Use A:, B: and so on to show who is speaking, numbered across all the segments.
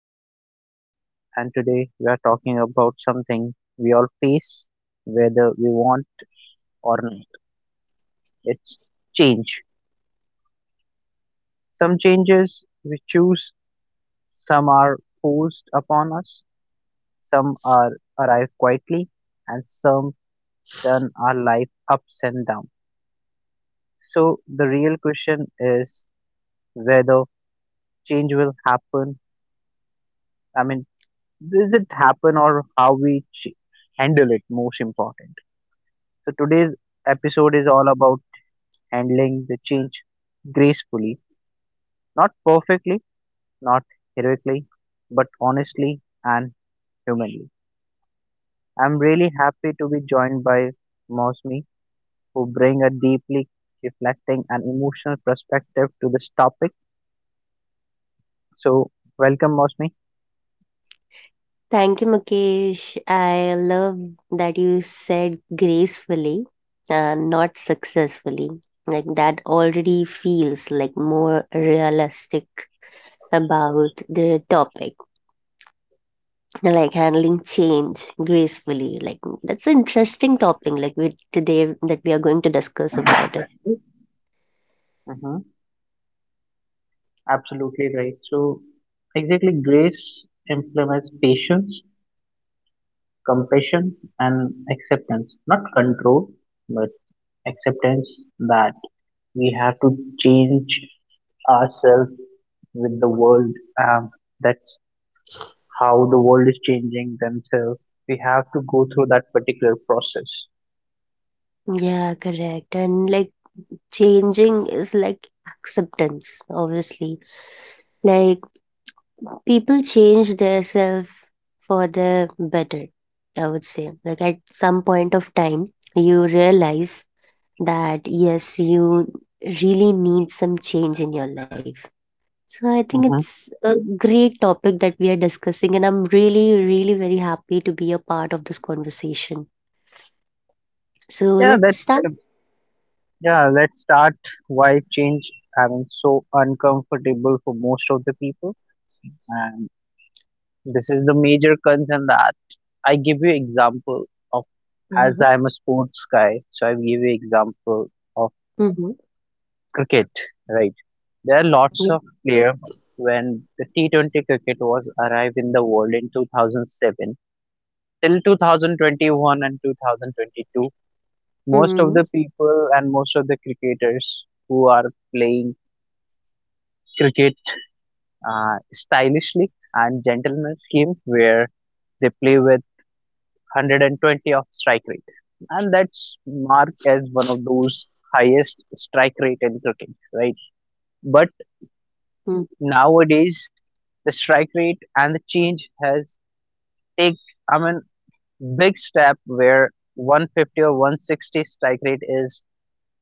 A: I'm Mukesh, and today we are talking about something we all face, whether we want or not. It's change. Some changes we choose, some are forced upon us, some are arrive quietly, and some turn our life ups and down. So, the real question is whether change will happen. I mean, does it happen or how we handle it most important. So today's episode is all about handling the change gracefully, not perfectly, not heroically, but honestly and humanly. I'm really happy to be joined by Mosmi, who bring a deeply reflecting and emotional perspective to this topic. So welcome, Mosmi.
B: Thank you, Mukesh. I love that you said gracefully and not successfully. Like that already feels like more realistic about the topic. Like handling change gracefully. Like that's an interesting topic like with today that we are going to discuss about it.
A: Hmm absolutely right. So exactly, grace implements patience, compassion, and acceptance, not control, but acceptance that we have to change ourselves with the world. Um, that's how the world is changing themselves. We have to go through that particular process.
B: Yeah, correct. And like changing is like acceptance, obviously. Like people change their self for the better, I would say. Like at some point of time you realize that yes, you really need some change in your life, so I think it's
A: Hmm
B: a great topic that we are discussing and I'm really very happy to be a part of this conversation, so
A: Yeah,
B: let's
A: that's
B: start.
A: yeah. Let's start. Why change? I mean, so uncomfortable for most of the people, and this is the major concern that I give you example of. As
B: Uh-huh.
A: I'm a sports guy, so I give you example of
B: Mm-hmm.
A: cricket, right? There are lots
B: Yeah.
A: of players when the T20 cricket was arrived in the world in 2007 till 2021 and 2022. Most
B: Mm-hmm.
A: of the people and most of the cricketers who are playing cricket stylishly and gentleman's game where they play with 120 of strike rate, and that's marked as one of those highest strike rate in cricket, right? But nowadays, the strike rate and the change has take, I mean, big step where 150 or 160 strike rate is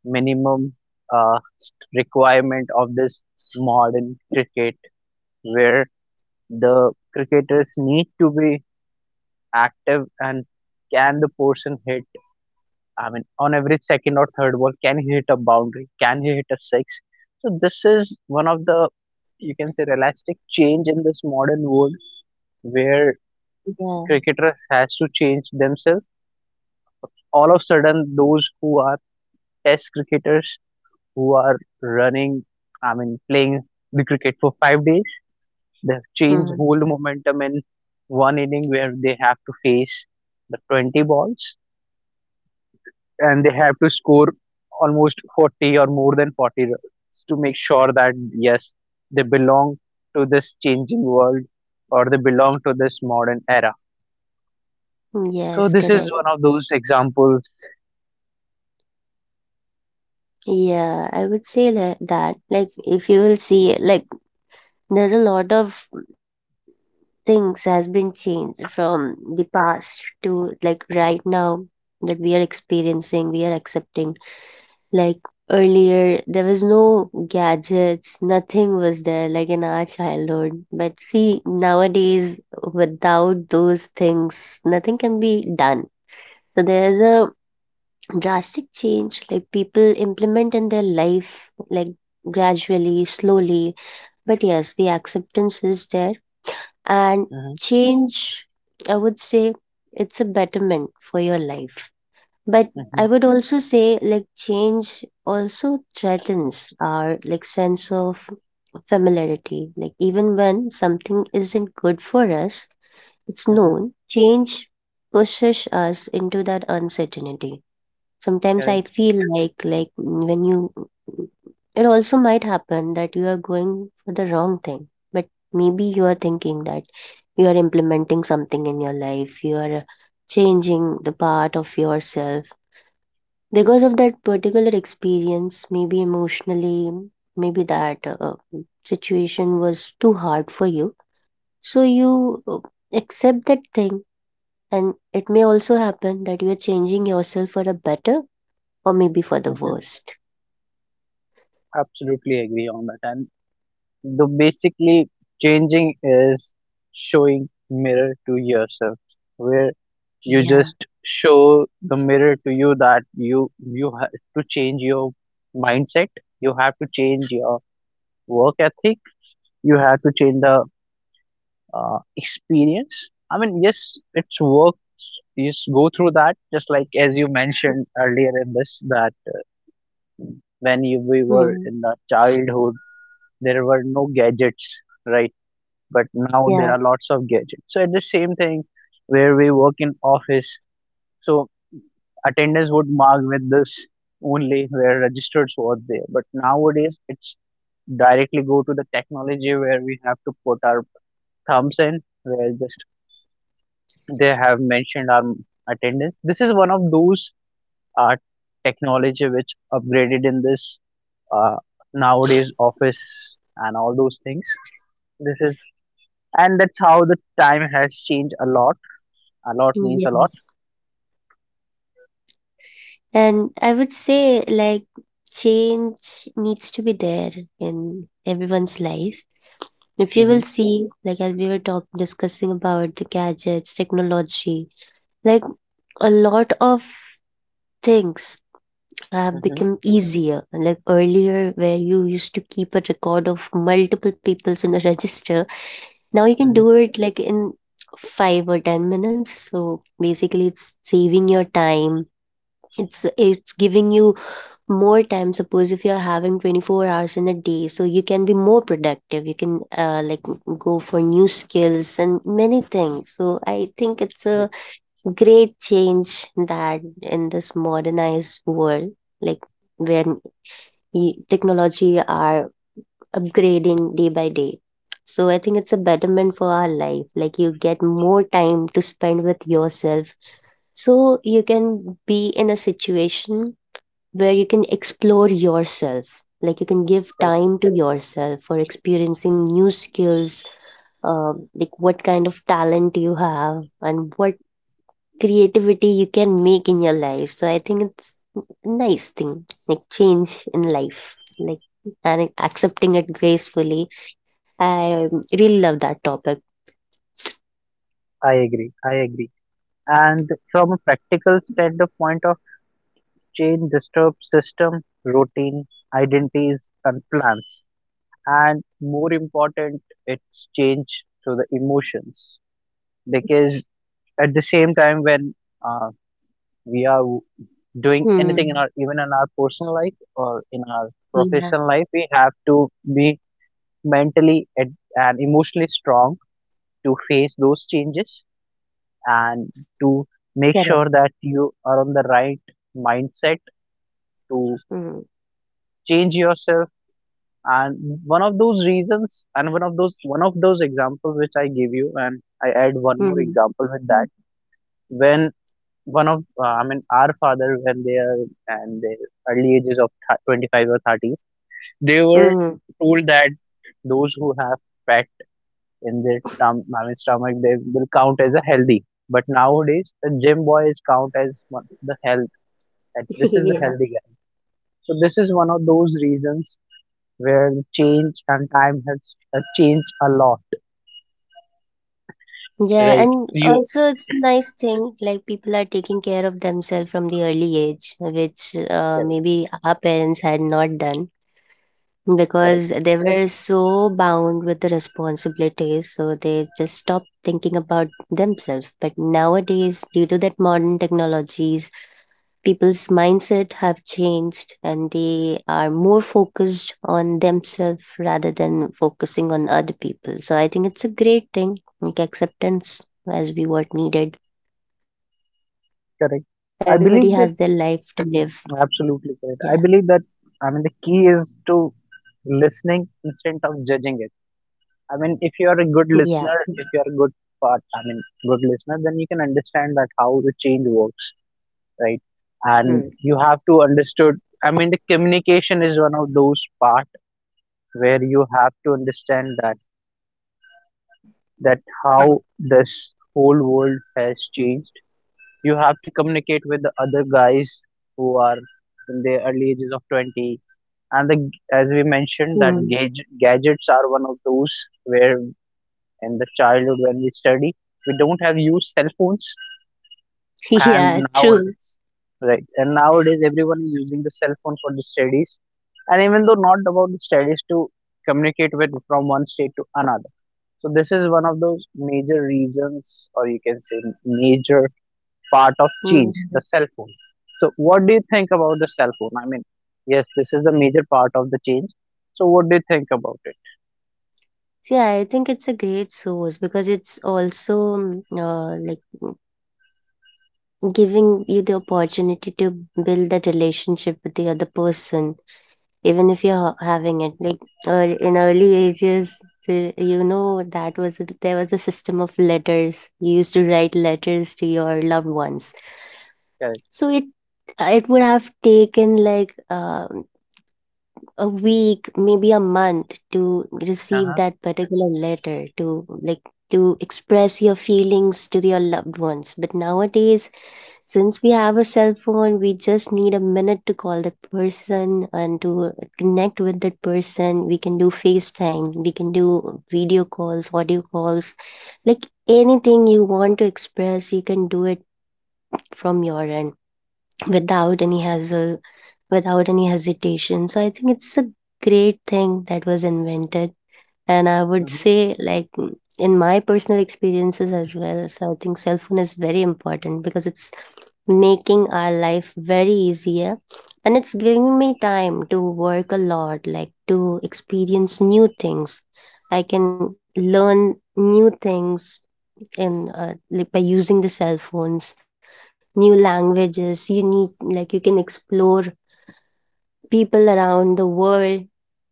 A: minimum uh, requirement of this modern cricket, where the cricketers need to be active, and can the person hit, I mean, on average, second or third ball, can he hit a boundary? Can he hit a six? So this is one of the, you can say, realistic change in this modern world where
B: Yeah.
A: cricketers has to change themselves. All of a sudden, those who are test cricketers who are running, I mean, playing the cricket for 5 days, they have changed
B: Hmm.
A: whole momentum in one inning where they have to face the 20 balls and they have to score almost 40 or more than 40 runs to make sure that yes, they belong to this changing world or they belong to this modern era. So
B: Yes,
A: this is
B: correct.
A: one of those examples.
B: Yeah, I would say like that. Like, if you will see, like, there's a lot of things has been changed from the past to like right now that we are experiencing, we are accepting. Like earlier there was no gadgets, nothing was there like in our childhood, but see nowadays without those things nothing can be done. So there's a drastic change like people implement in their life like gradually, slowly, but yes, the acceptance is there. And
A: hmm
B: change, I would say it's a betterment for your life, but I
A: hmm
B: would also say like change also threatens our like sense of familiarity. Like even when something isn't good for us, it's
A: hmm
B: known change pushes us into that uncertainty. Sometimes I
A: Correct.
B: feel like it also might happen that you are going for the wrong thing. But maybe you are thinking that you are implementing something in your life, you are changing the part of yourself. Because of that particular experience, maybe emotionally, maybe that situation was too hard for you. So you accept that thing, and it may also happen that you are changing yourself for a better or maybe for the
A: Hmm
B: worst.
A: absolutely agree on that and the basically changing is showing mirror to yourself where you
B: Yeah.
A: just show the mirror to you that you have to change your mindset you have to change your work ethic you have to change the experience I mean yes it's work yes go through that just like as you mentioned earlier in this that uh,
B: Hmm.
A: when you, we were in the childhood there were no gadgets right but
B: Yeah.
A: now there are lots of gadgets so it's the same thing where we work in office so attendance would mark with this only where registered was there. But nowadays, it's directly go to the technology where we have to put our thumbs in, where just they have mentioned our attendance. This is one of those uh, technology which upgraded in this uh, nowadays office and all those things. This is and that's how the time has changed a lot. A lot means a lot.
B: Yes. And I would say like change needs to be there in everyone's life. If you will
A: Hmm
B: see, like as we were talking discussing about the gadgets, technology, like a lot of things have
A: hmm
B: become easier. Like earlier where you used to keep a record of multiple people's in a register, now you can do
A: hmm
B: it like in 5 or 10 minutes. So basically it's saving your time. It's giving you more time. Suppose if you're having 24 hours in a day, so you can be more productive. You can like go for new skills and many things. So I think it's a great change that in this modernized world, like when technology are upgrading day by day. So I think it's a betterment for our life. Like you get more time to spend with yourself. So you can be in a situation where you can explore yourself. Like you can give time to yourself for experiencing new skills, like what kind of talent you have and what creativity you can make in your life. So I think it's a nice thing, like change in life, like and accepting it gracefully, I really love that topic.
A: I agree. I agree. And from a practical standpoint of change disturbs system, routine, identities, and plans. And more important, it's change to the emotions. Because at the same time, when uh, we are w- doing anything
B: Hmm.
A: in our, even in our personal life or in our
B: Yeah.
A: professional life, we have to be mentally and emotionally strong to face those changes and to
B: Correct.
A: make sure that you are on the right mindset to
B: Hmm.
A: change yourself. And one of those reasons, and one of those, one of those examples which I gave you, and I add one more
B: Hmm.
A: example with that. When one of, I mean, our father, when they are and their early ages of 25 or thirties, they were
B: Mm.
A: told that those who have fat in their I mean, stomach, they will count as a healthy. But nowadays the gym boys count as one, the health, that this is a
B: Yeah.
A: healthy guy. So this is one of those reasons where change and time has changed a lot.
B: Yeah,
A: Right.
B: and
A: You
B: also it's a nice thing like people are taking care of themselves from the early age, which
A: correct,
B: maybe our parents had not done
A: correct,
B: because they were so bound with the responsibilities, so they just stopped thinking about themselves. But nowadays, due to that modern technologies, people's mindset have changed and they are more focused on themselves rather than focusing on other people. So I think it's a great thing like acceptance, as we what needed. Everybody has their
A: correct.
B: life to
A: I
B: live.
A: believe that,
B: Yeah.
A: absolutely correct. I believe that, I mean, the key is to listening instead of judging it. I mean, if
B: Yeah.
A: you are a good listener, if you are a good part, I mean, good listener, then you can understand that how the change works, right?
B: Hmm.
A: And you have to understood. I mean, the communication is one of those part where you have to understand that, that how this whole world has changed. You have to communicate with the other guys who are in their early ages of 20. And the, as we mentioned,
B: Hmm.
A: that gadgets are one of those where in the childhood when we study, we don't have used cell phones. And
B: Yeah, true.
A: nowadays, right? And nowadays, everyone is using the cell phone for the studies. And even though not about the studies, to communicate with from one state to another. So this is one of those major reasons, or you can say major part of change, the
B: Mm.
A: cell phone. So what do you think about the cell phone? I mean, yes, this is the major part of the change. So what do you think about it?
B: Yeah, I think it's a great source because it's also like giving you the opportunity to build that relationship with the other person. Even if you're having it like early, in early ages, the, you know, that was a, there was a system of letters. You used to write letters to your loved ones,
A: Correct.
B: so it would have taken like a week, maybe a month, to receive
A: Uh-huh.
B: that particular letter to like to express your feelings to your loved ones. But nowadays, since we have a cell phone, we just need a minute to call that person and to connect with that person. We can do FaceTime, we can do video calls, audio calls, like anything you want to express, you can do it from your end without any hassle, without any hesitation. So I think it's a great thing that was invented. And I would
A: hmm
B: say, like, in my personal experiences as well, so I think cell phone is very important because it's making our life very easier, and it's giving me time to work a lot, like to experience new things. I can learn new things in like by using the cell phones, new languages. You need like you can explore people around the world,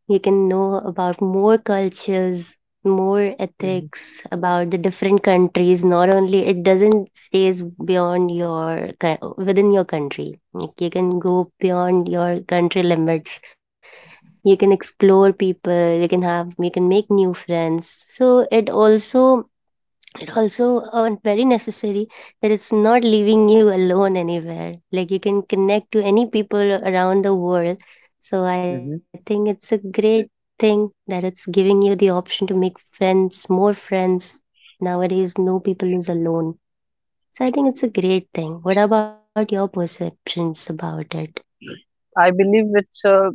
B: you can know about more cultures, more
A: hmm
B: ethics about the different countries. Not only it doesn't stays beyond your within your country. Like you can go beyond your country limits. You can explore people. You can have, you can make new friends. So it also, and also very necessary, that it's not leaving you alone anywhere. Like you can connect to any people around the world, so I think
A: hmm
B: it's a great thing that it's giving you the option to make friends, more friends. Nowadays no people is alone, so I think it's a great thing. What about your perceptions about it?
A: I believe it's a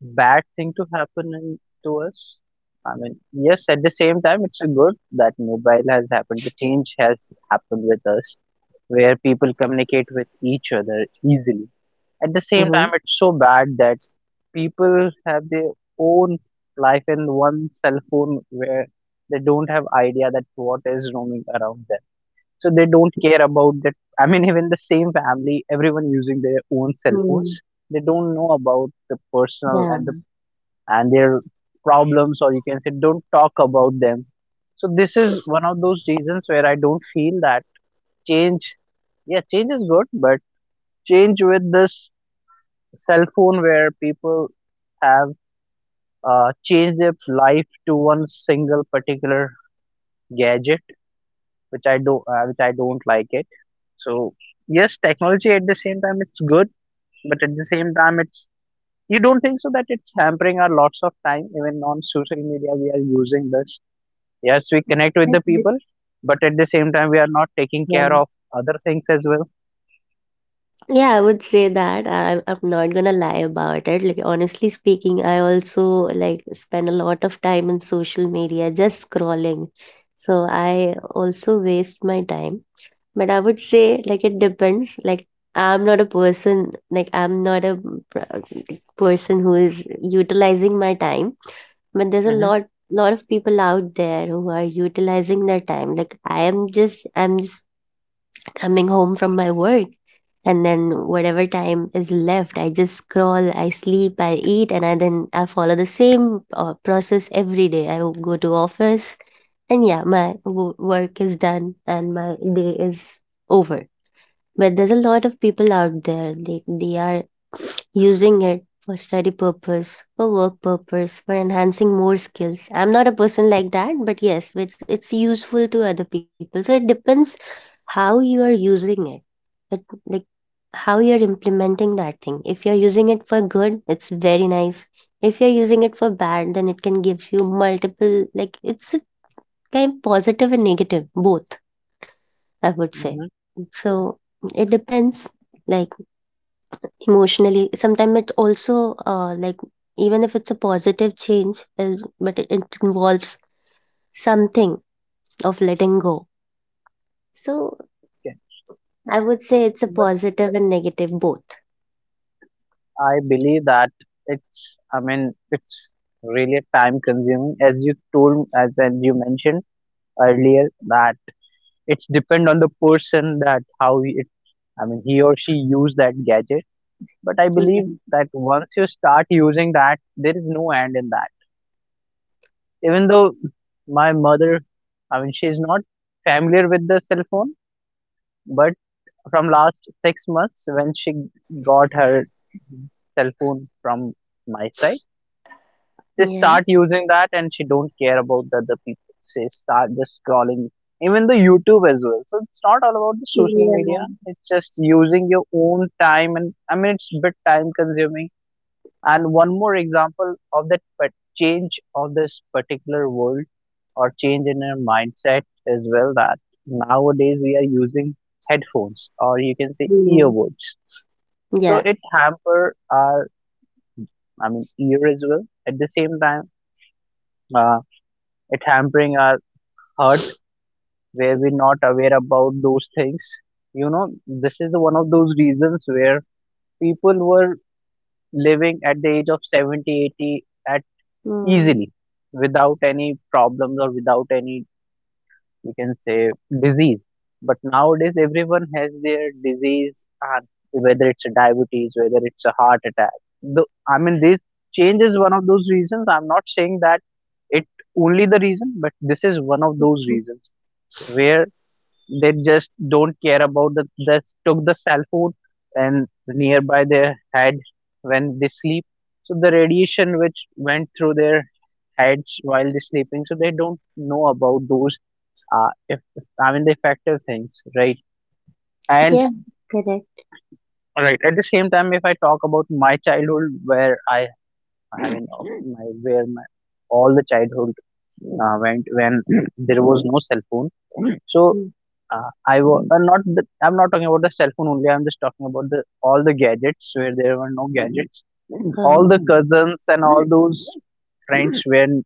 A: bad thing to happen in, to us. I mean, yes, at the same time, it's a good that mobile has happened. The change has happened with us, where people communicate with each other easily. At the same
B: Mm-hmm.
A: time, it's so bad that people have their own life and one cell phone where they don't have idea that what is roaming around them. So they don't care about that. I mean, even the same family, everyone using their own cell
B: Hmm.
A: phones, they don't know about the personal
B: Yeah,
A: and the and their problems, or you can say, don't talk about them. So this is one of those reasons where I don't feel that change. Yeah, change is good, but change with this cell phone where people have changed their life to one single particular gadget, which I do, which I don't like it. So yes, technology at the same time it's good, but at the same time it's, you don't think so that it's hampering our lots of time? Even on social media we are using this. Yes, we connect with the
B: that's good.
A: people, but at the same time we are not taking
B: Yeah.
A: care of other things as well.
B: Yeah, I would say that. I'm not gonna lie about it. Like, honestly speaking, I also like spend a lot of time on social media just scrolling. So I also waste my time. But I would say like it depends. Like I'm not a person, like I'm not a person who is utilizing my time. But there's a
A: Mm-hmm.
B: lot of people out there who are utilizing their time. Like I'm just coming home from my work and then whatever time is left, I just scroll, I sleep, I eat and I then I follow the same process every day. I will go to office and yeah, my work is done and my day is over. But there's a lot of people out there, they are using it for study purpose, for work purpose, for enhancing more skills. I'm not a person like that, but yes, it's useful to other people, so it depends how you are using it. It, like, how you're implementing that thing. If you're using it for good, it's very nice. If you're using it for bad, then it can give you multiple, like, it's a kind of positive and negative, both, I would say.
A: Mm-hmm.
B: So it depends, like, emotionally. Sometimes it also, like, even if it's a positive change, but it involves something of letting go. So I would say it's a
A: Okay.
B: positive and negative, both.
A: I believe that it's, I mean, it's really time consuming. As you told, as you mentioned earlier, that it's depend on the person that how it, I mean, he or she use that gadget. But I
B: Yeah.
A: believe that once you start using that there is no end in that. Even though my mother, I mean, she's not familiar with the cell phone, but from last 6 months when she got her cell phone from my side, they
B: Yeah.
A: start using that and she don't care about the other people. She start just scrolling. Even the YouTube as well. So it's not all about the social
B: Yeah.
A: media. It's just using your own time and, I mean, it's a bit time consuming. And one more example of that, but change of this particular world, or change in our mindset as well, that nowadays we are using headphones, or you can say
B: Mm.
A: earbuds. So
B: Yeah.
A: it hamper our, I mean, ear as well. At the same time, uh, it hampering our heart, where we're not aware about those things, you know. This is the one of those reasons where people were living at the age of 70, 80, at
B: Mm.
A: easily without any problems or without any, you can say, disease. But nowadays everyone has their disease, and whether it's a diabetes, whether it's a heart attack, the, I mean, this change is one of those reasons. I'm not saying that it only the reason, but this is one of those reasons where they just don't care about the, they took the cell phone and nearby their head when they sleep. So the radiation which went through their heads while they're sleeping, so they don't know about those, if, I mean, the effective things, right? And
B: Yeah, correct.
A: right, at the same time, if I talk about my childhood where I mean, my where my all the childhood went when there was no cell phone. So
B: Mm.
A: I was, not the, I'm not talking about the cell phone only, I'm just talking about the all the gadgets where there were no gadgets.
B: Uh-huh.
A: All the cousins and all those friends when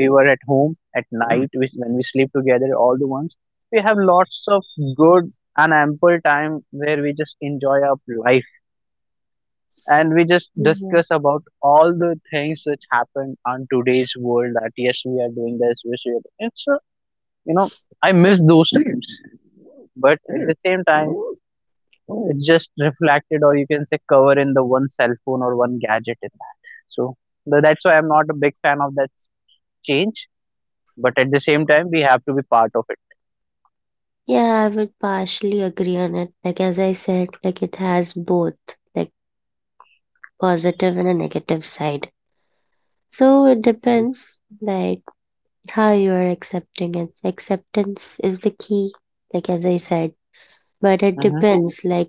A: we were at home at night, which when we sleep together, all the ones, we have lots of good and ample time where we just enjoy our life, and we just
B: Mhm.
A: discuss about all the things which happen on today's world that yes we are doing this, yes we are you know, I miss those times. But at the same time just reflected or you can say cover in the one cell phone or one gadget in that so that's why I'm not a big fan of that change, but at the same time we have to be part of it.
B: Yeah, I would partially agree on it. Like as I said, like it has both, like positive and a negative side. So it
A: Mm-hmm,
B: depends, like how you are accepting it. Acceptance is the key, like as I said. But it
A: mm-hmm,
B: depends, like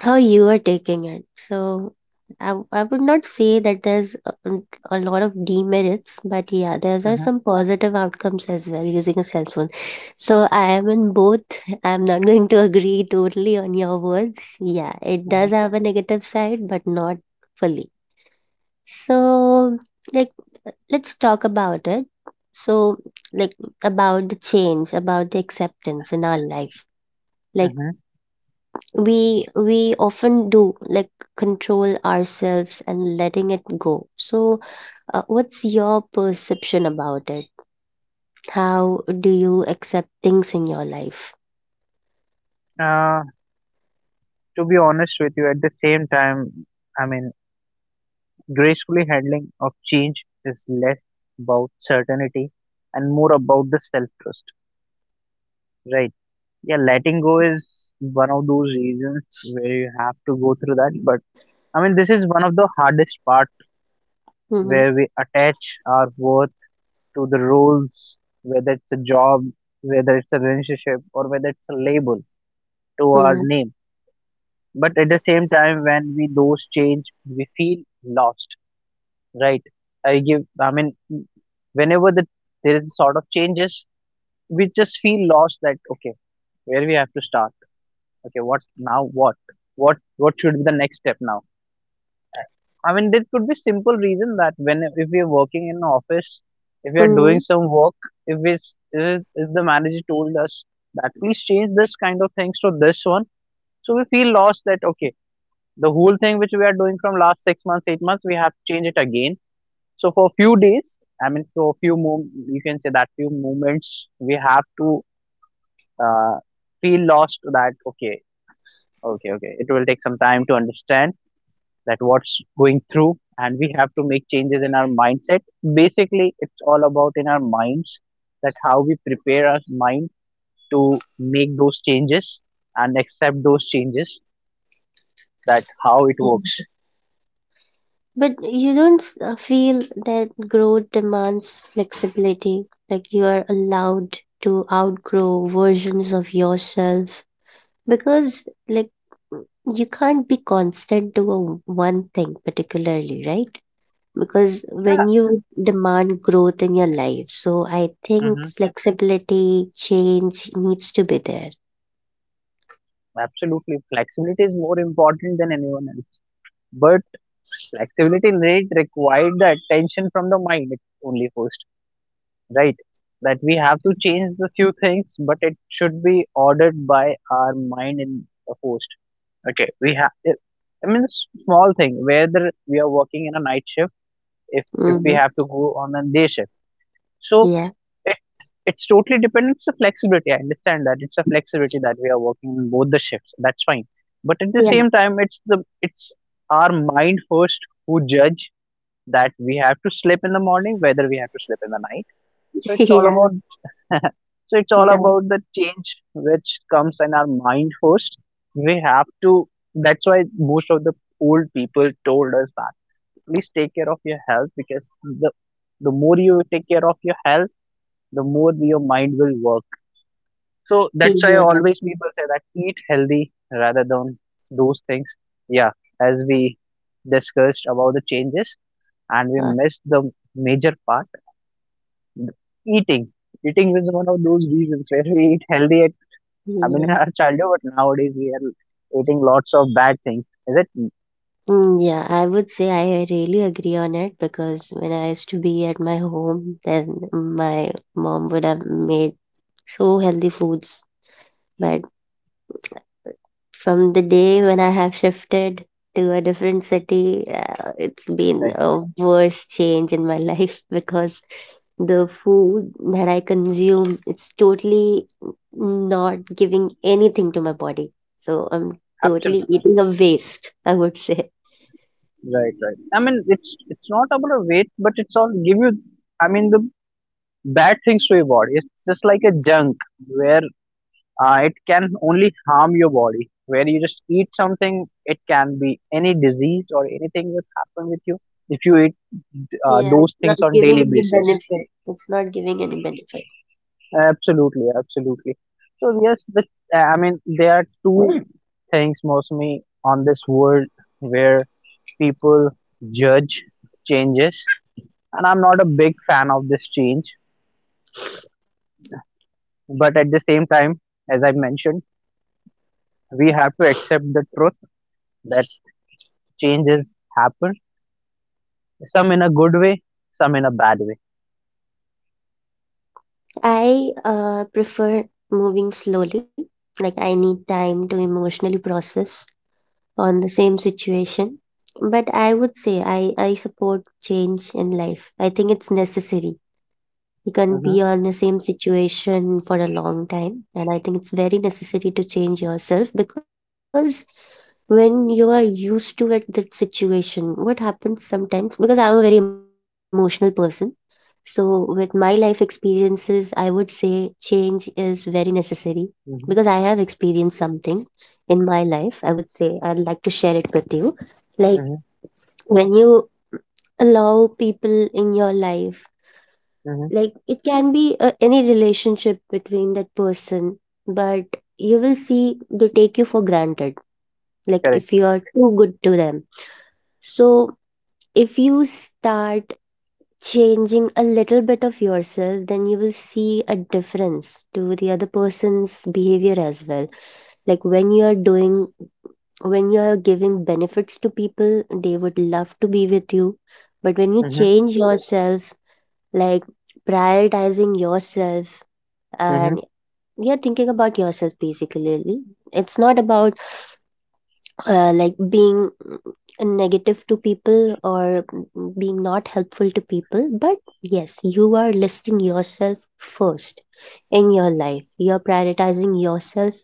B: how you are taking it. So I would not say that there's a lot of demerits, but yeah, there are some positive outcomes as well using a cell phone. So I am in both. I'm not going to agree totally on your words. Yeah, it does
A: mm-hmm,
B: have a negative side, but not fully. So, like, let's talk about it. So, like, about the change, about the acceptance in our life. Like,
A: mm-hmm.
B: we often do like control ourselves and letting it go. So what's your perception about it? How do you accept things in your life?
A: Uh, to be honest with you, at the same time, i mean gracefully handling of change is less about certainty and more about the self-trust, right? Yeah, letting go is one of those reasons where you have to go through that, but I mean, this is one of the hardest part
B: Mm-hmm.
A: where we attach our worth to the roles, whether it's a job, whether it's a relationship, or whether it's a label to our
B: Mm-hmm.
A: name. But at the same time, when we those change, we feel lost, right? I mean, whenever there is a sort of changes, we just feel lost that, okay, where we have to start? Okay, what now? What? What should be the next step now? I mean, there could be simple reason that when if we are working in an office, if we are
B: Mm-hmm.
A: doing some work, if it's if the manager told us that please change this kind of things to this one, so we feel lost that okay, the whole thing which we are doing from last 6 months, 8 months, we have to change it again. So for few days, I mean, you can say that few moments, we have to uh, feel lost that okay, it will take some time to understand that what's going through, and we have to make changes in our mindset. Basically it's all about in our minds, that how we prepare our mind to make those changes and accept those changes, that how it works.
B: Mm-hmm. But you don't feel that growth demands flexibility? Like you are allowed to outgrow versions of yourself, because like you can't be constant to a one thing particularly, right? Because
A: Yeah.
B: when you demand growth in your life, so I think
A: Hmm.
B: flexibility, change needs to be there.
A: Absolutely, flexibility is more important than anyone else, but flexibility rate required the attention from the mind only first, right? That we have to change the few things, but it should be ordered by our mind in the first. Okay, we have, I mean, it's small thing, whether we are working in a night shift, if if we
B: Hmm.
A: have to go on a day shift, so
B: Yeah.
A: it, it's totally depends on flexibility. I understand that it's a flexibility that we are working in both the shifts, that's fine, but at the
B: Yeah.
A: same time it's our mind first who judge that we have to sleep in the morning whether we have to sleep in the night. So it's all
B: Yeah,
A: about so it's all
B: that,
A: about the change which comes in our mind first. We have to, that's why most of the old people told us that please take care of your health, because the more you take care of your health, the more your mind will work. So that's why
B: yeah.
A: always people say that eat healthy rather than those things. Yeah, as we discussed about the changes, and we
B: uh,
A: missed the major part, eating. Eating is one of those reasons where we eat healthy at. I mean, in
B: yeah.
A: our childhood, but nowadays we are eating lots of bad things. Is it
B: Mm, yeah, I would say I really agree on it because when I used to be at my home, then my mom would have made so healthy foods. But from the day when I have shifted to a different city, it's been
A: right?
B: a worst change in my life because the food that I consume, it's totally not giving anything to my body. So I'm totally
A: Absolutely.
B: eating a waste, I would say.
A: Right, right. I mean, it's not about a weight, but it's all give you. I mean, the bad things to your body. It's just like a junk where it can only harm your body. Where you just eat something, it can be any disease or anything that happen with you if you eat
B: Yeah, it's
A: those things
B: not
A: on daily
B: giving any
A: basis.
B: benefit. It's not giving any benefit.
A: Absolutely, absolutely. So yes, the I mean there are two things mostly on this world where people judge changes, and I'm not a big fan of this change. But at the same time, as I mentioned, we have to accept the truth that changes happen. Some in a good way, some in a bad way.
B: I prefer moving slowly. Like I need time to emotionally process on the same situation. But I would say I support change in life. I think it's necessary. You can
A: Mm-hmm,
B: be on the same situation for a long time. And I think it's very necessary to change yourself because when you are used to it, that situation, what happens sometimes, because I'm a very emotional person so, with my life experiences, I would say change is very necessary
A: mm-hmm,
B: because I have experienced something in my life. I would say I'd like to share it with you. Like,
A: mm-hmm,
B: when you allow people in your life,
A: mm-hmm.
B: like, it can be any relationship between that person, but you will see they take you for granted. Like,
A: Correct.
B: if you are too good to them. So, if you start changing a little bit of yourself, then you will see a difference to the other person's behavior as well. Like when you are doing, when you are giving benefits to people, they would love to be with you. But when you
A: Mm-hmm,
B: change yourself, like prioritizing yourself
A: mm-hmm,
B: and you're thinking about yourself basically, it's not about like being negative to people or being not helpful to people but yes you are listing yourself first in your life you're prioritizing yourself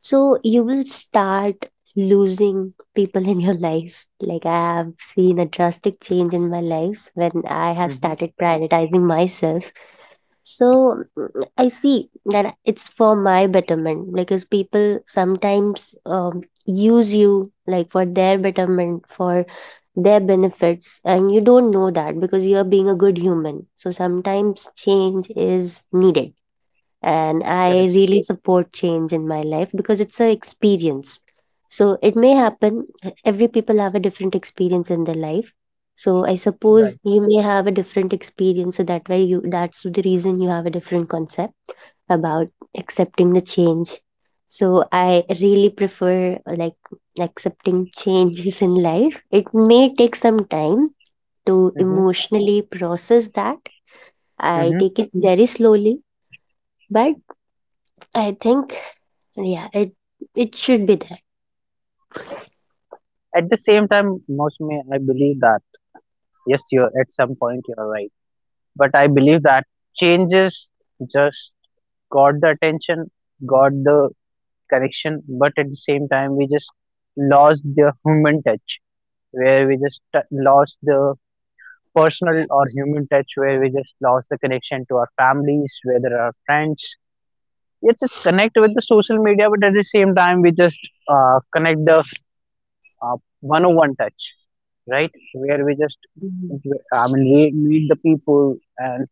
B: so you will start losing people in your life like I have seen a drastic change in my lives when I have
A: mm-hmm.
B: started prioritizing myself so I see that it's for my betterment because people sometimes use you like for their betterment, for their benefits, and you don't know that because you're being a good human. So sometimes change is needed and I
A: Correct.
B: really support change in my life because it's an experience. So it may happen. Every people have a different experience in their life. So I suppose
A: Right.
B: you may have a different experience. So that way you that's the reason you have a different concept about accepting the change. So I really prefer like accepting changes in life. It may take some time to
A: Mm-hmm,
B: emotionally process that. I
A: mm-hmm.
B: take it very slowly, but I think, yeah, it should be there.
A: At the same time, mostly I believe that. Yes, you're at some point you're right. But I believe that changes just got the attention, got the connection, but at the same time we just lost the human touch, where we just lost the personal or human touch, where we just lost the connection to our families, whether our friends. Yes, it's connect with the social media, but at the same time we just connect the one-on-one touch, right? Where we just
B: Mhm.
A: I mean meet the people and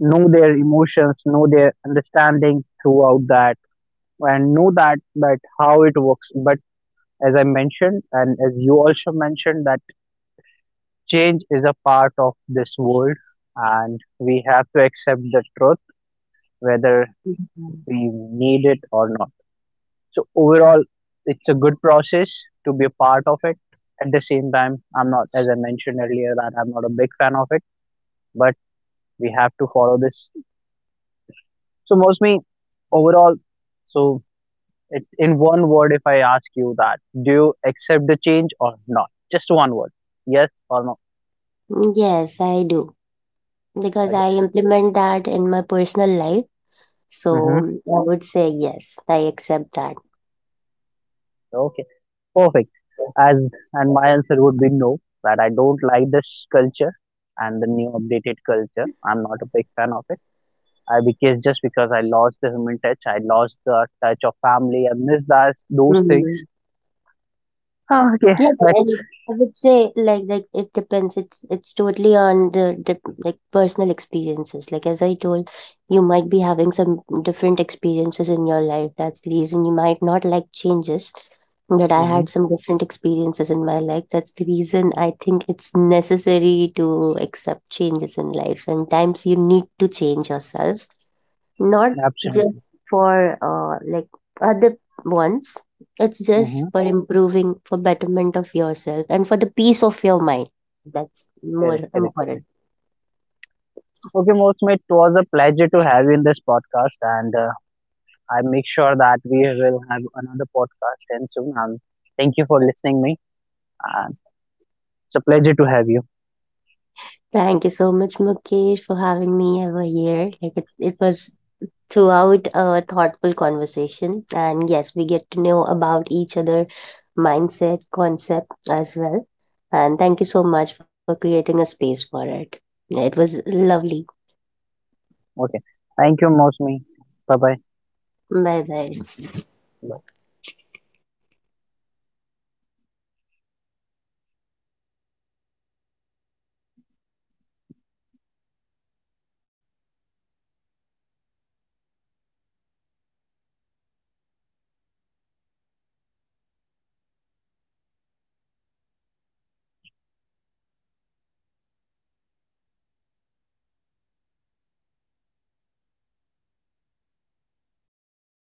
A: know their emotions, know their understanding throughout that, and know that that how it works. But as I mentioned, and as you also mentioned, that change is a part of this world, and we have to accept the truth whether
B: Mhm.
A: we need it or not. So overall, it's a good process to be a part of it. At the same time, I'm not, as I mentioned earlier, that I'm not a big fan of it, but we have to follow this. So mostly, overall, so it, in one word, if I ask you that, do you accept the change or not? Just one word. Yes or no?
B: Yes, I do because
A: Okay.
B: I implement that in my personal life.
A: Hmm.
B: So I would say yes, I accept that.
A: Okay. Perfect. As and my answer would be no. That I don't like this culture and the new updated culture. I'm not a big fan of it. I because just because I lost the human touch, I lost the touch of family. I miss that those
B: Mhm.
A: things. Ah, okay.
B: Yeah, but
A: Let's.
B: I would say like it depends. It's totally on the like personal experiences. Like as I told, you might be having some different experiences in your life. That's the reason you might not like changes. But I
A: Hmm.
B: had some different experiences in my life. That's the reason I think it's necessary to accept changes in life. Sometimes you need to change yourself not
A: Absolutely.
B: just for like other ones, it's just
A: Hmm.
B: for improving for betterment of yourself and for the peace of your mind, that's more
A: Correct, correct,
B: important.
A: correct. Okay, Mosme, it was a pleasure to have you in this podcast, and I make sure that we will have another podcast and soon. Thank you for listening me. Uh, it's a pleasure to have you.
B: Thank you so much, Mukesh, for having me over here. Like it was throughout a thoughtful conversation and yes we get to know about each other mindset concept as well, and thank you so much for creating a space for it. It was lovely.
A: Okay. Thank you, Mosmi. Bye bye.
B: Bye bye.